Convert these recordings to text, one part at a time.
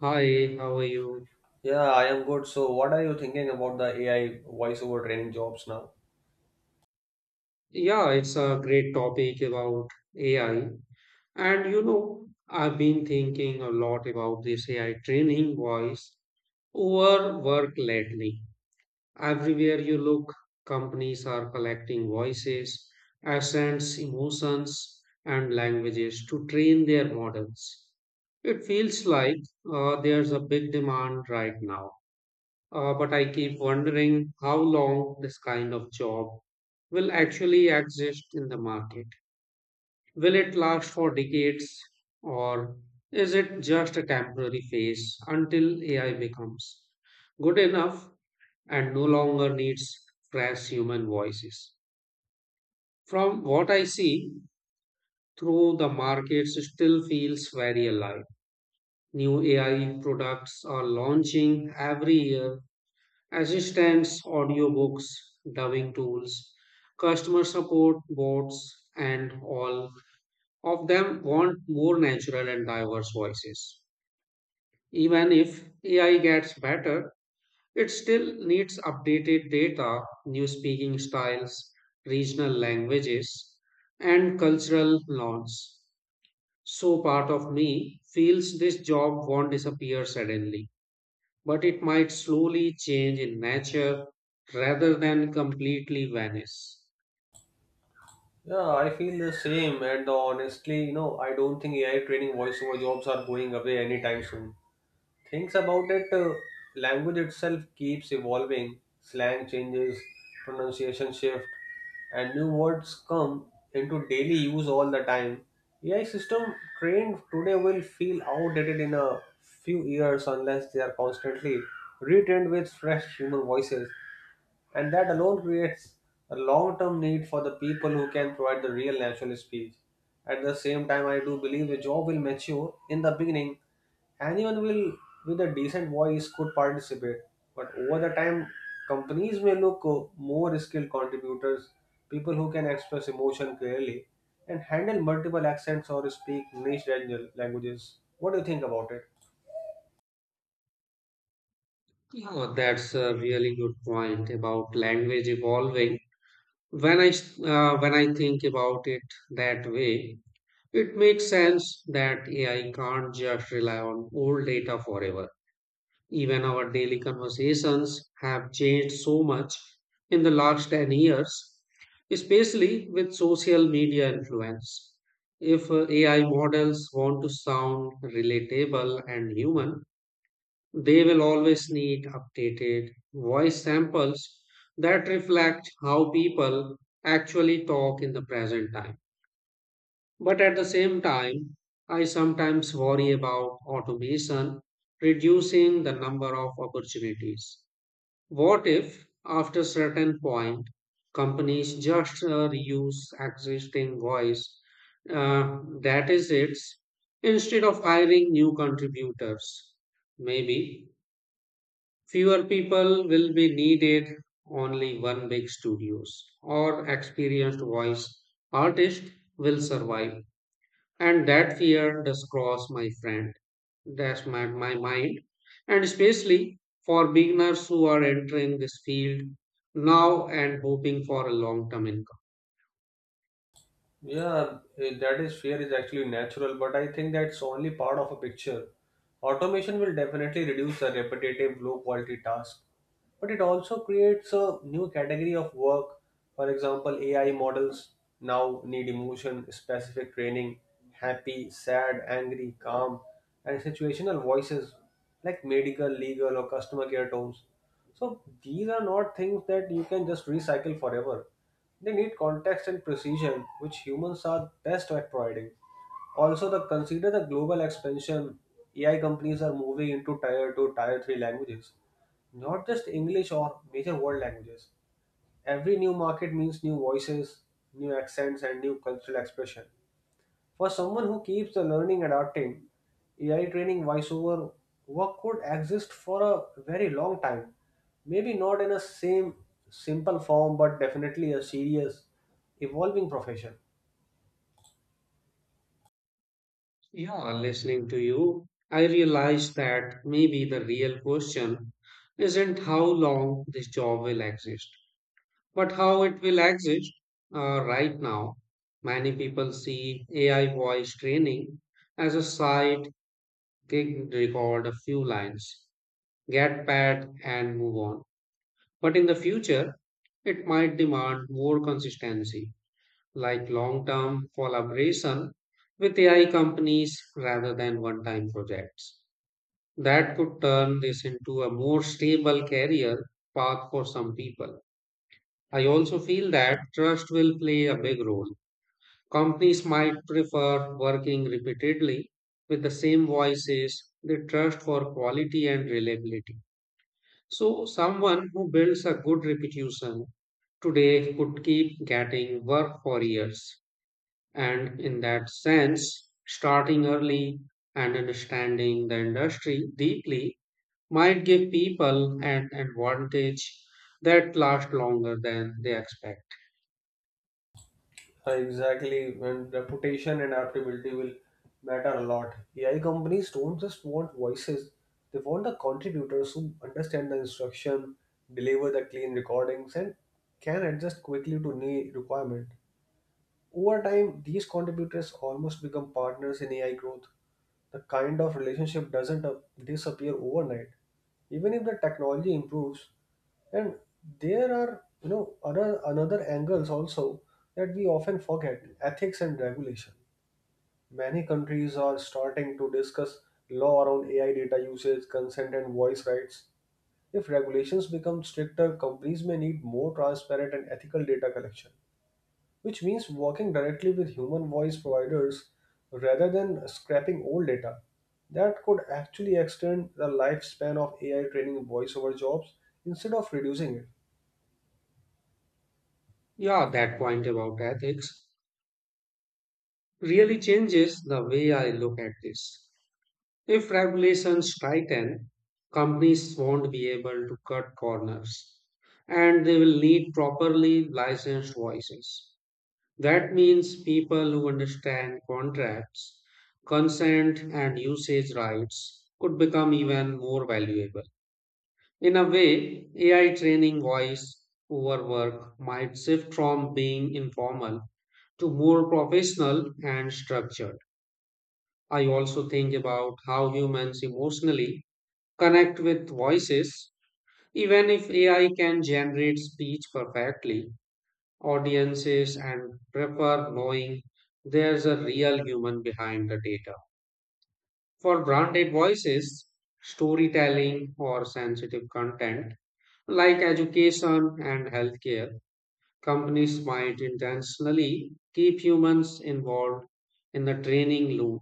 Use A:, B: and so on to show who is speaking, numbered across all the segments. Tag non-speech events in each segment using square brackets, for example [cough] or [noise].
A: Hi, how are you?
B: Yeah, I am good. So, what are you thinking about the AI voiceover training jobs now?
A: Yeah, it's a great topic about AI. And you know, I've been thinking a lot about this AI training voice over work lately. Everywhere you look, companies are collecting voices, accents, emotions, and languages to train their models. It feels like there's a big demand right now. But I keep wondering how long this kind of job will actually exist in the market. Will it last for decades or is it just a temporary phase until AI becomes good enough and no longer needs fresh human voices? From what I see through the markets, it still feels very alive. New AI products are launching every year: assistants, audiobooks, dubbing tools, customer support bots, and all of them want more natural and diverse voices. Even if AI gets better, it still needs updated data, new speaking styles, regional languages, and cultural norms. So part of me feels this job won't disappear suddenly, but it might slowly change in nature rather than completely vanish.
B: Yeah, I feel the same. And honestly, you know, I don't think AI training voiceover jobs are going away anytime soon. Things about it, language itself keeps evolving, slang changes, pronunciation shift, and new words come into daily use all the time. AI system trained today will feel outdated in a few years unless they are constantly retrained with fresh human voices. And that alone creates a long term need for the people who can provide the real national speech. At the same time, I do believe the job will mature in the beginning. Anyone will with a decent voice could participate, but over the time, companies may look more skilled contributors, people who can express emotion clearly and handle multiple accents or speak niche languages. What do you think about it?
A: Yeah, that's a really good point about language evolving. When I think about it that way, it makes sense that AI can't just rely on old data forever. Even our daily conversations have changed so much in the last 10 years, especially with social media influence. If AI models want to sound relatable and human, they will always need updated voice samples that reflect how people actually talk in the present time. But at the same time, I sometimes worry about automation reducing the number of opportunities. What if, after a certain point, companies just reuse existing voice? That is it, instead of hiring new contributors. Maybe fewer people will be needed, only one big studios or experienced voice artist will survive, and that fear does cross my friend, that's my mind, and especially for beginners who are entering this field now and hoping for a long term income.
B: Yeah, that is fear is actually natural, but I think that's only part of a picture. Automation will definitely reduce the repetitive, low quality tasks, but it also creates a new category of work. For example, AI models now need emotion specific training, happy, sad, angry, calm, and situational voices like medical, legal, or customer care tones. So these are not things that you can just recycle forever. They need context and precision, which humans are best at providing. Also, the consider the global expansion. AI companies are moving into tier 2, tier 3 languages, not just English or major world languages. Every new market means new voices, new accents, and new cultural expression. For someone who keeps the learning adapting, AI training voiceover work could exist for a very long time. Maybe not in a same simple form, but definitely a serious, evolving profession.
A: Yeah, listening to you, I realized that maybe the real question isn't how long this job will exist, but how it will exist. Right now many people see AI voice training as a side gig. Record a few lines, get pat, and move on. But in the future, it might demand more consistency, like long term collaboration with AI companies rather than one time projects. That could turn this into a more stable career path for some people. I also feel that trust will play a big role. Companies might prefer working repeatedly with the same voices they trust for quality and reliability. So, someone who builds a good reputation today could keep getting work for years. And in that sense, starting early and understanding the industry deeply might give people an advantage that lasts longer than they expect.
B: Exactly, and reputation and adaptability will matter a lot. AI companies don't just want voices, they want the contributors who understand the instruction, deliver the clean recordings, and can adjust quickly to new requirement. Over time, these contributors almost become partners in AI growth. The kind of relationship doesn't disappear overnight, even if the technology improves. And there are, you know, other another angles also that we often forget: ethics and regulation. Many countries are starting to discuss law around AI data usage, consent, and voice rights. If regulations become stricter, companies may need more transparent and ethical data collection which means working directly with human voice providers rather than scrapping old data. That could actually extend the lifespan of AI training voiceover jobs instead of reducing it.
A: Yeah, that point about ethics really changes the way I look at this. If regulations tighten, companies won't be able to cut corners and they will need properly licensed voices. That means people who understand contracts, consent, and usage rights could become even more valuable. In a way, AI training voice over work might shift from being informal to more professional and structured. I also think about how humans emotionally connect with voices. Even if AI can generate speech perfectly, audiences and prefer knowing there's a real human behind the data. For branded voices, storytelling or sensitive content like education and healthcare, companies might intentionally keep humans involved in the training loop.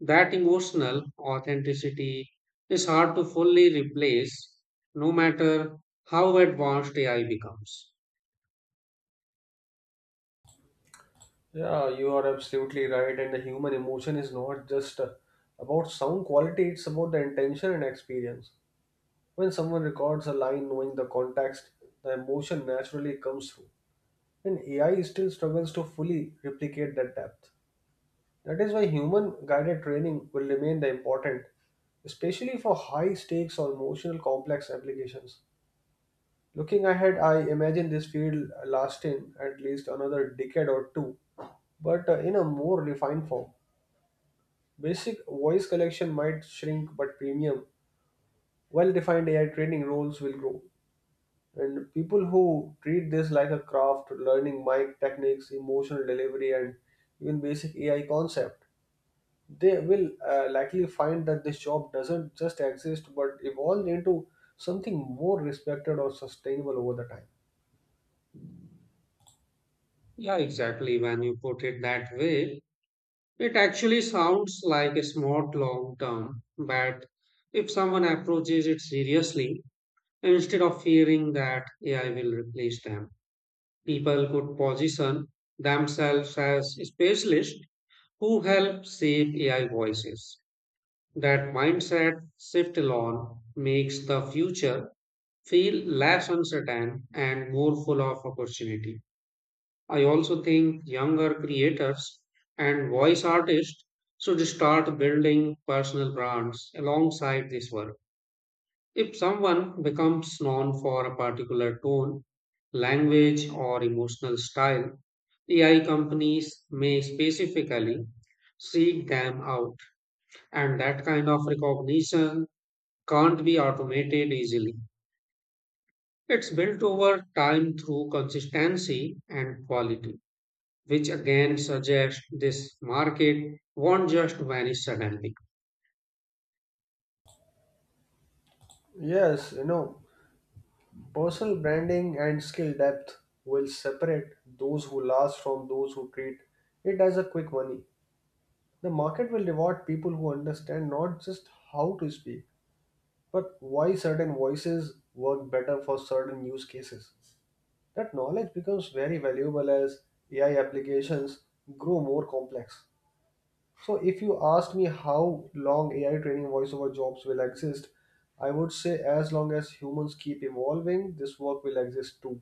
A: That emotional authenticity is hard to fully replace no matter how advanced AI becomes.
B: Yeah, you are absolutely right, and the human emotion is not just about sound quality, it's about the intention and experience. When someone records a line knowing the context, the emotion naturally comes through, and AI still struggles to fully replicate that depth. That is why human guided training will remain the important, especially for high stakes or emotional complex applications. Looking ahead, I imagine this field lasting at least another decade or two, but in a more refined form. Basic voice collection might shrink, but premium, well defined AI training roles will grow. And people who treat this like a craft, learning mic techniques, emotional delivery, and even basic AI concept they will likely find that this job doesn't just exist but evolve into something more respected or sustainable over the time.
A: Yeah, exactly. When you put it that way, it actually sounds like a smart long term, but if someone approaches it seriously, instead of fearing that AI will replace them, people could position themselves as specialists who help shape AI voices. That mindset shift alone makes the future feel less uncertain and more full of opportunity. I also think younger creators and voice artists should start building personal brands alongside this work. If someone becomes known for a particular tone, language, or emotional style, AI companies may specifically seek them out. And that kind of recognition can't be automated easily. It's built over time through consistency and quality, which again suggests this market won't just vanish suddenly.
B: Yes, you know, personal branding and skill depth will separate those who last from those who treat it as a quick money. The market will reward people who understand not just how to speak, but why certain voices work better for certain use cases. That knowledge becomes very valuable as AI applications grow more complex. So if you asked me how long AI training voiceover jobs will exist, I would say as long as humans keep evolving, this work will exist too.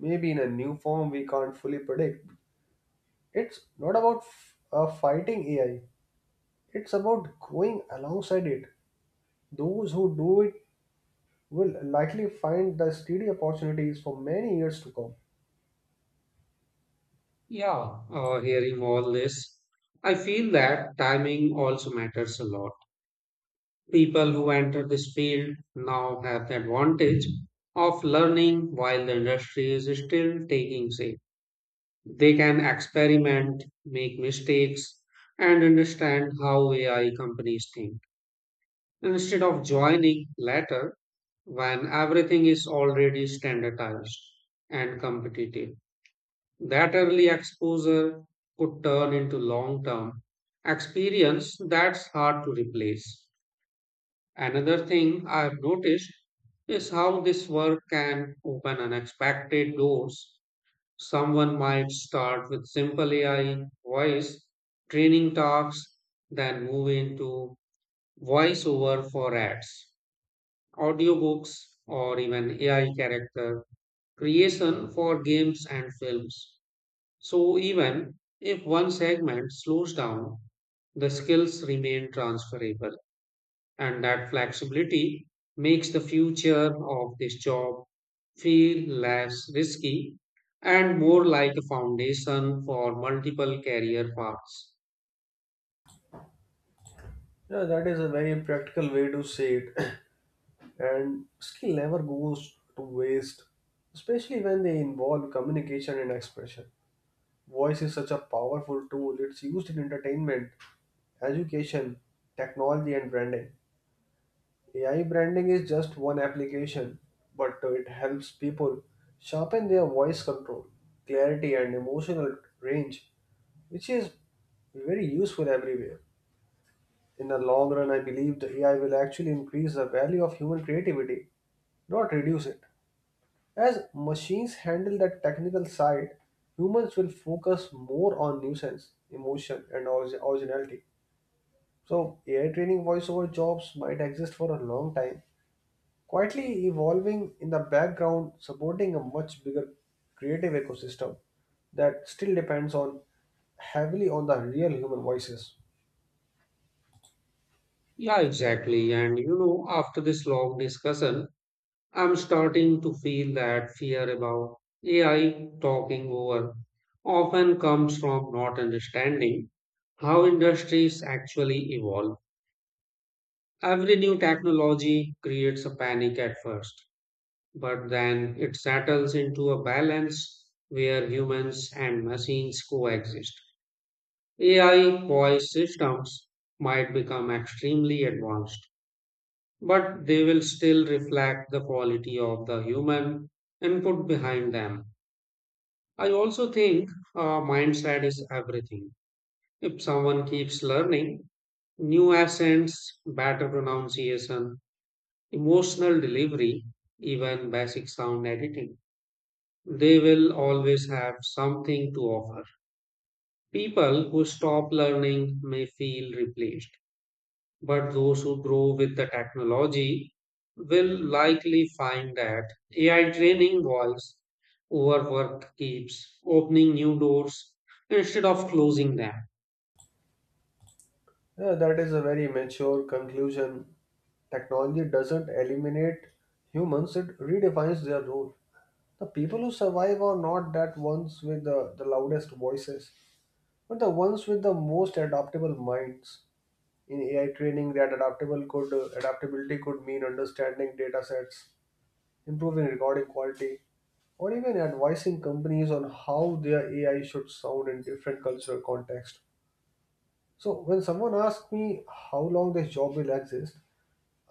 B: Maybe in a new form we can't fully predict. It's not about fighting AI, it's about going alongside it. Those who do it will likely find the steady opportunities for many years to come.
A: Yeah, hearing all this, I feel that timing also matters a lot. People who enter this field now have the advantage of learning while the industry is still taking shape. They can experiment, make mistakes, and understand how AI companies think instead of joining later when everything is already standardized and competitive. That early exposure could turn into long term experience that's hard to replace. Another thing I've noticed is how this work can open unexpected doors. Someone might start with simple AI voice training tasks, then move into voiceover for ads, audiobooks, or even AI character creation for games and films. So, even if one segment slows down, the skills remain transferable, and that flexibility makes the future of this job feel less risky and more like a foundation for multiple career paths.
B: Yeah, that is a very practical way to say it. [clears throat] And skill never goes to waste, especially when they involve communication and expression. Voice is such a powerful tool, it's used in entertainment, education, technology, and branding. AI branding is just one application, but it helps people sharpen their voice control, clarity, and emotional range, which is very useful everywhere. In the long run, I believe the AI will actually increase the value of human creativity, not reduce it. As machines handle that technical side, humans will focus more on nuisance, emotion, and originality. So, AI training voiceover jobs might exist for a long time, quietly evolving in the background, supporting a much bigger creative ecosystem that still depends on heavily on the real human voices.
A: Yeah, exactly. And you know, after this long discussion, I'm starting to feel that fear about AI talking over often comes from not understanding how industries actually evolve. Every new technology creates a panic at first, but then it settles into a balance where humans and machines coexist. AI poised systems might become extremely advanced, but they will still reflect the quality of the human input behind them. I also think mindset is everything. If someone keeps learning new accents, better pronunciation, emotional delivery, even basic sound editing, they will always have something to offer. People who stop learning may feel replaced, but those who grow with the technology will likely find that AI training voice over work keeps opening new doors instead of closing them.
B: Yeah, that is a very mature conclusion. Technology doesn't eliminate humans, it redefines their role. The people who survive are not that ones with the loudest voices, but the ones with the most adaptable minds. In AI training, that adaptable could adaptability could mean understanding data sets, improving recording quality, or even advising companies on how their AI should sound in different cultural contexts. So when someone asks me how long this job will exist,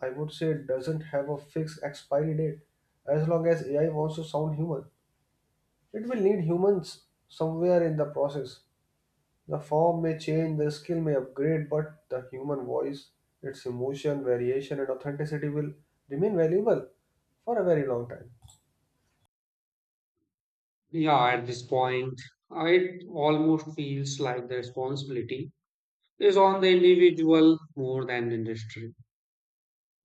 B: I would say it doesn't have a fixed expiry date. As long as AI wants to sound human, it will need humans somewhere in the process. The form may change, the skill may upgrade, but the human voice, its emotion, variation, and authenticity will remain valuable for a very long time.
A: Yeah, at this point, it almost feels like the responsibility is on the individual more than the industry.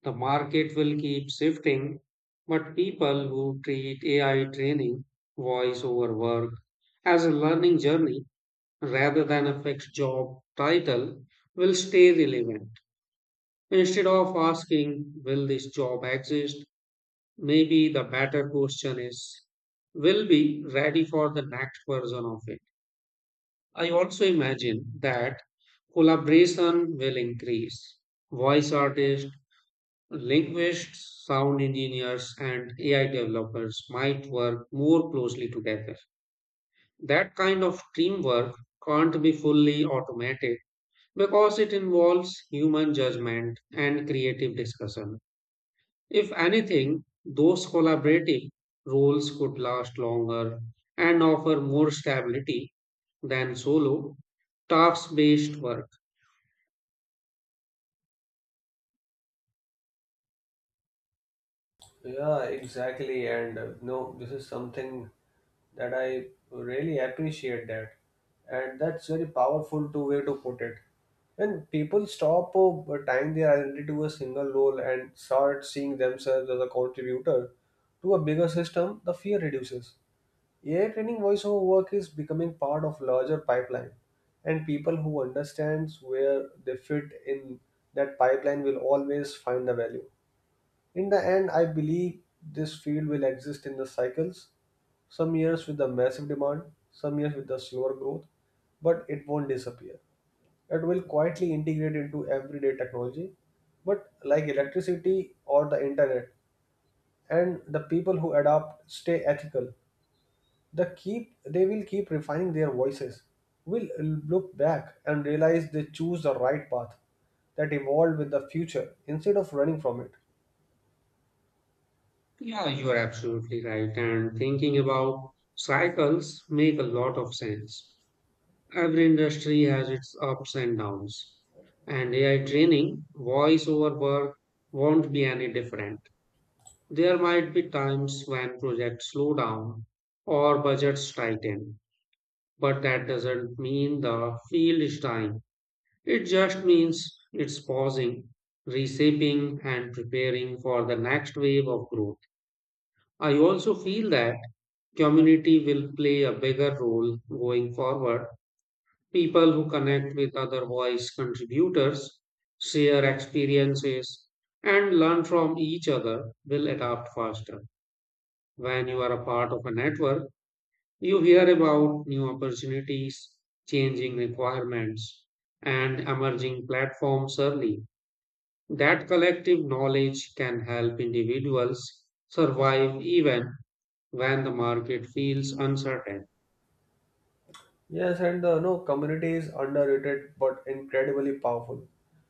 A: The market will keep shifting, but people who treat AI training, voice over work, as a learning journey rather than a fixed job title will stay relevant. Instead of asking, will this job exist? Maybe the better question is, will be ready for the next version of it. I also imagine that collaboration will increase. Voice artists, linguists, sound engineers, and AI developers might work more closely together. That kind of teamwork can't be fully automated because it involves human judgment and creative discussion. If anything, those collaborative roles could last longer and offer more stability than solo task based work.
B: Yeah, exactly. And no, this is something that I really appreciate that, and that's very powerful to way to put it. When people stop tying their identity to a single role and start seeing themselves as a contributor to a bigger system, the fear reduces. AI training voiceover work is becoming part of larger pipeline, and people who understands where they fit in that pipeline will always find the value. In the end, I believe this field will exist in the cycles, some years with a massive demand, some years with a slower growth, but it won't disappear. It will quietly integrate into everyday technology, but like electricity or the internet, and the people who adapt stay ethical. The keep they will keep refining their voices, will look back and realize they choose the right path that evolved with the future instead of running from it.
A: Yeah, you are absolutely right. And thinking about cycles make a lot of sense. Every industry has its ups and downs, and AI training, voice over work won't be any different. There might be times when projects slow down or budgets tighten, but that doesn't mean the field is dying. It just means it's pausing, reshaping, and preparing for the next wave of growth. I also feel that community will play a bigger role going forward. People who connect with other voice contributors, share experiences, and learn from each other will adapt faster. When you are a part of a network, you hear about new opportunities, changing requirements, and emerging platforms early. That collective knowledge can help individuals survive even when the market feels uncertain.
B: Yes, and the no community is underrated but incredibly powerful.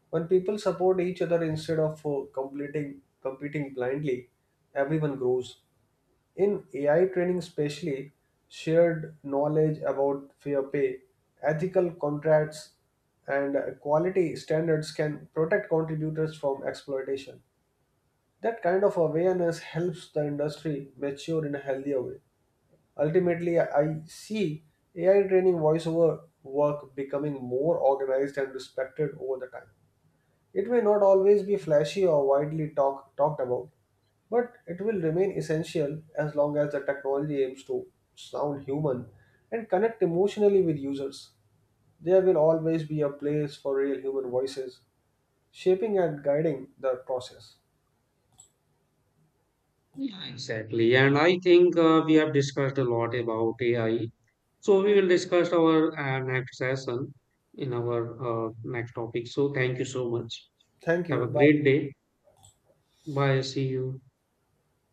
B: When people support each other instead of completing competing blindly, everyone grows. In AI training, especially, shared knowledge about fair pay, ethical contracts, and quality standards can protect contributors from exploitation. That kind of awareness helps the industry mature in a healthier way. Ultimately, I see AI training voiceover work becoming more organized and respected over the time. It may not always be flashy or widely talked about, but it will remain essential as long as the technology aims to sound human and connect emotionally with users. There will always be a place for real human voices, shaping and guiding the process.
A: Yeah, exactly. And I think we have discussed a lot about AI. So we will discuss our next session in our next topic. So thank you so much.
B: Thank
A: Have a
B: you. Bye.
A: great day. Bye. See you.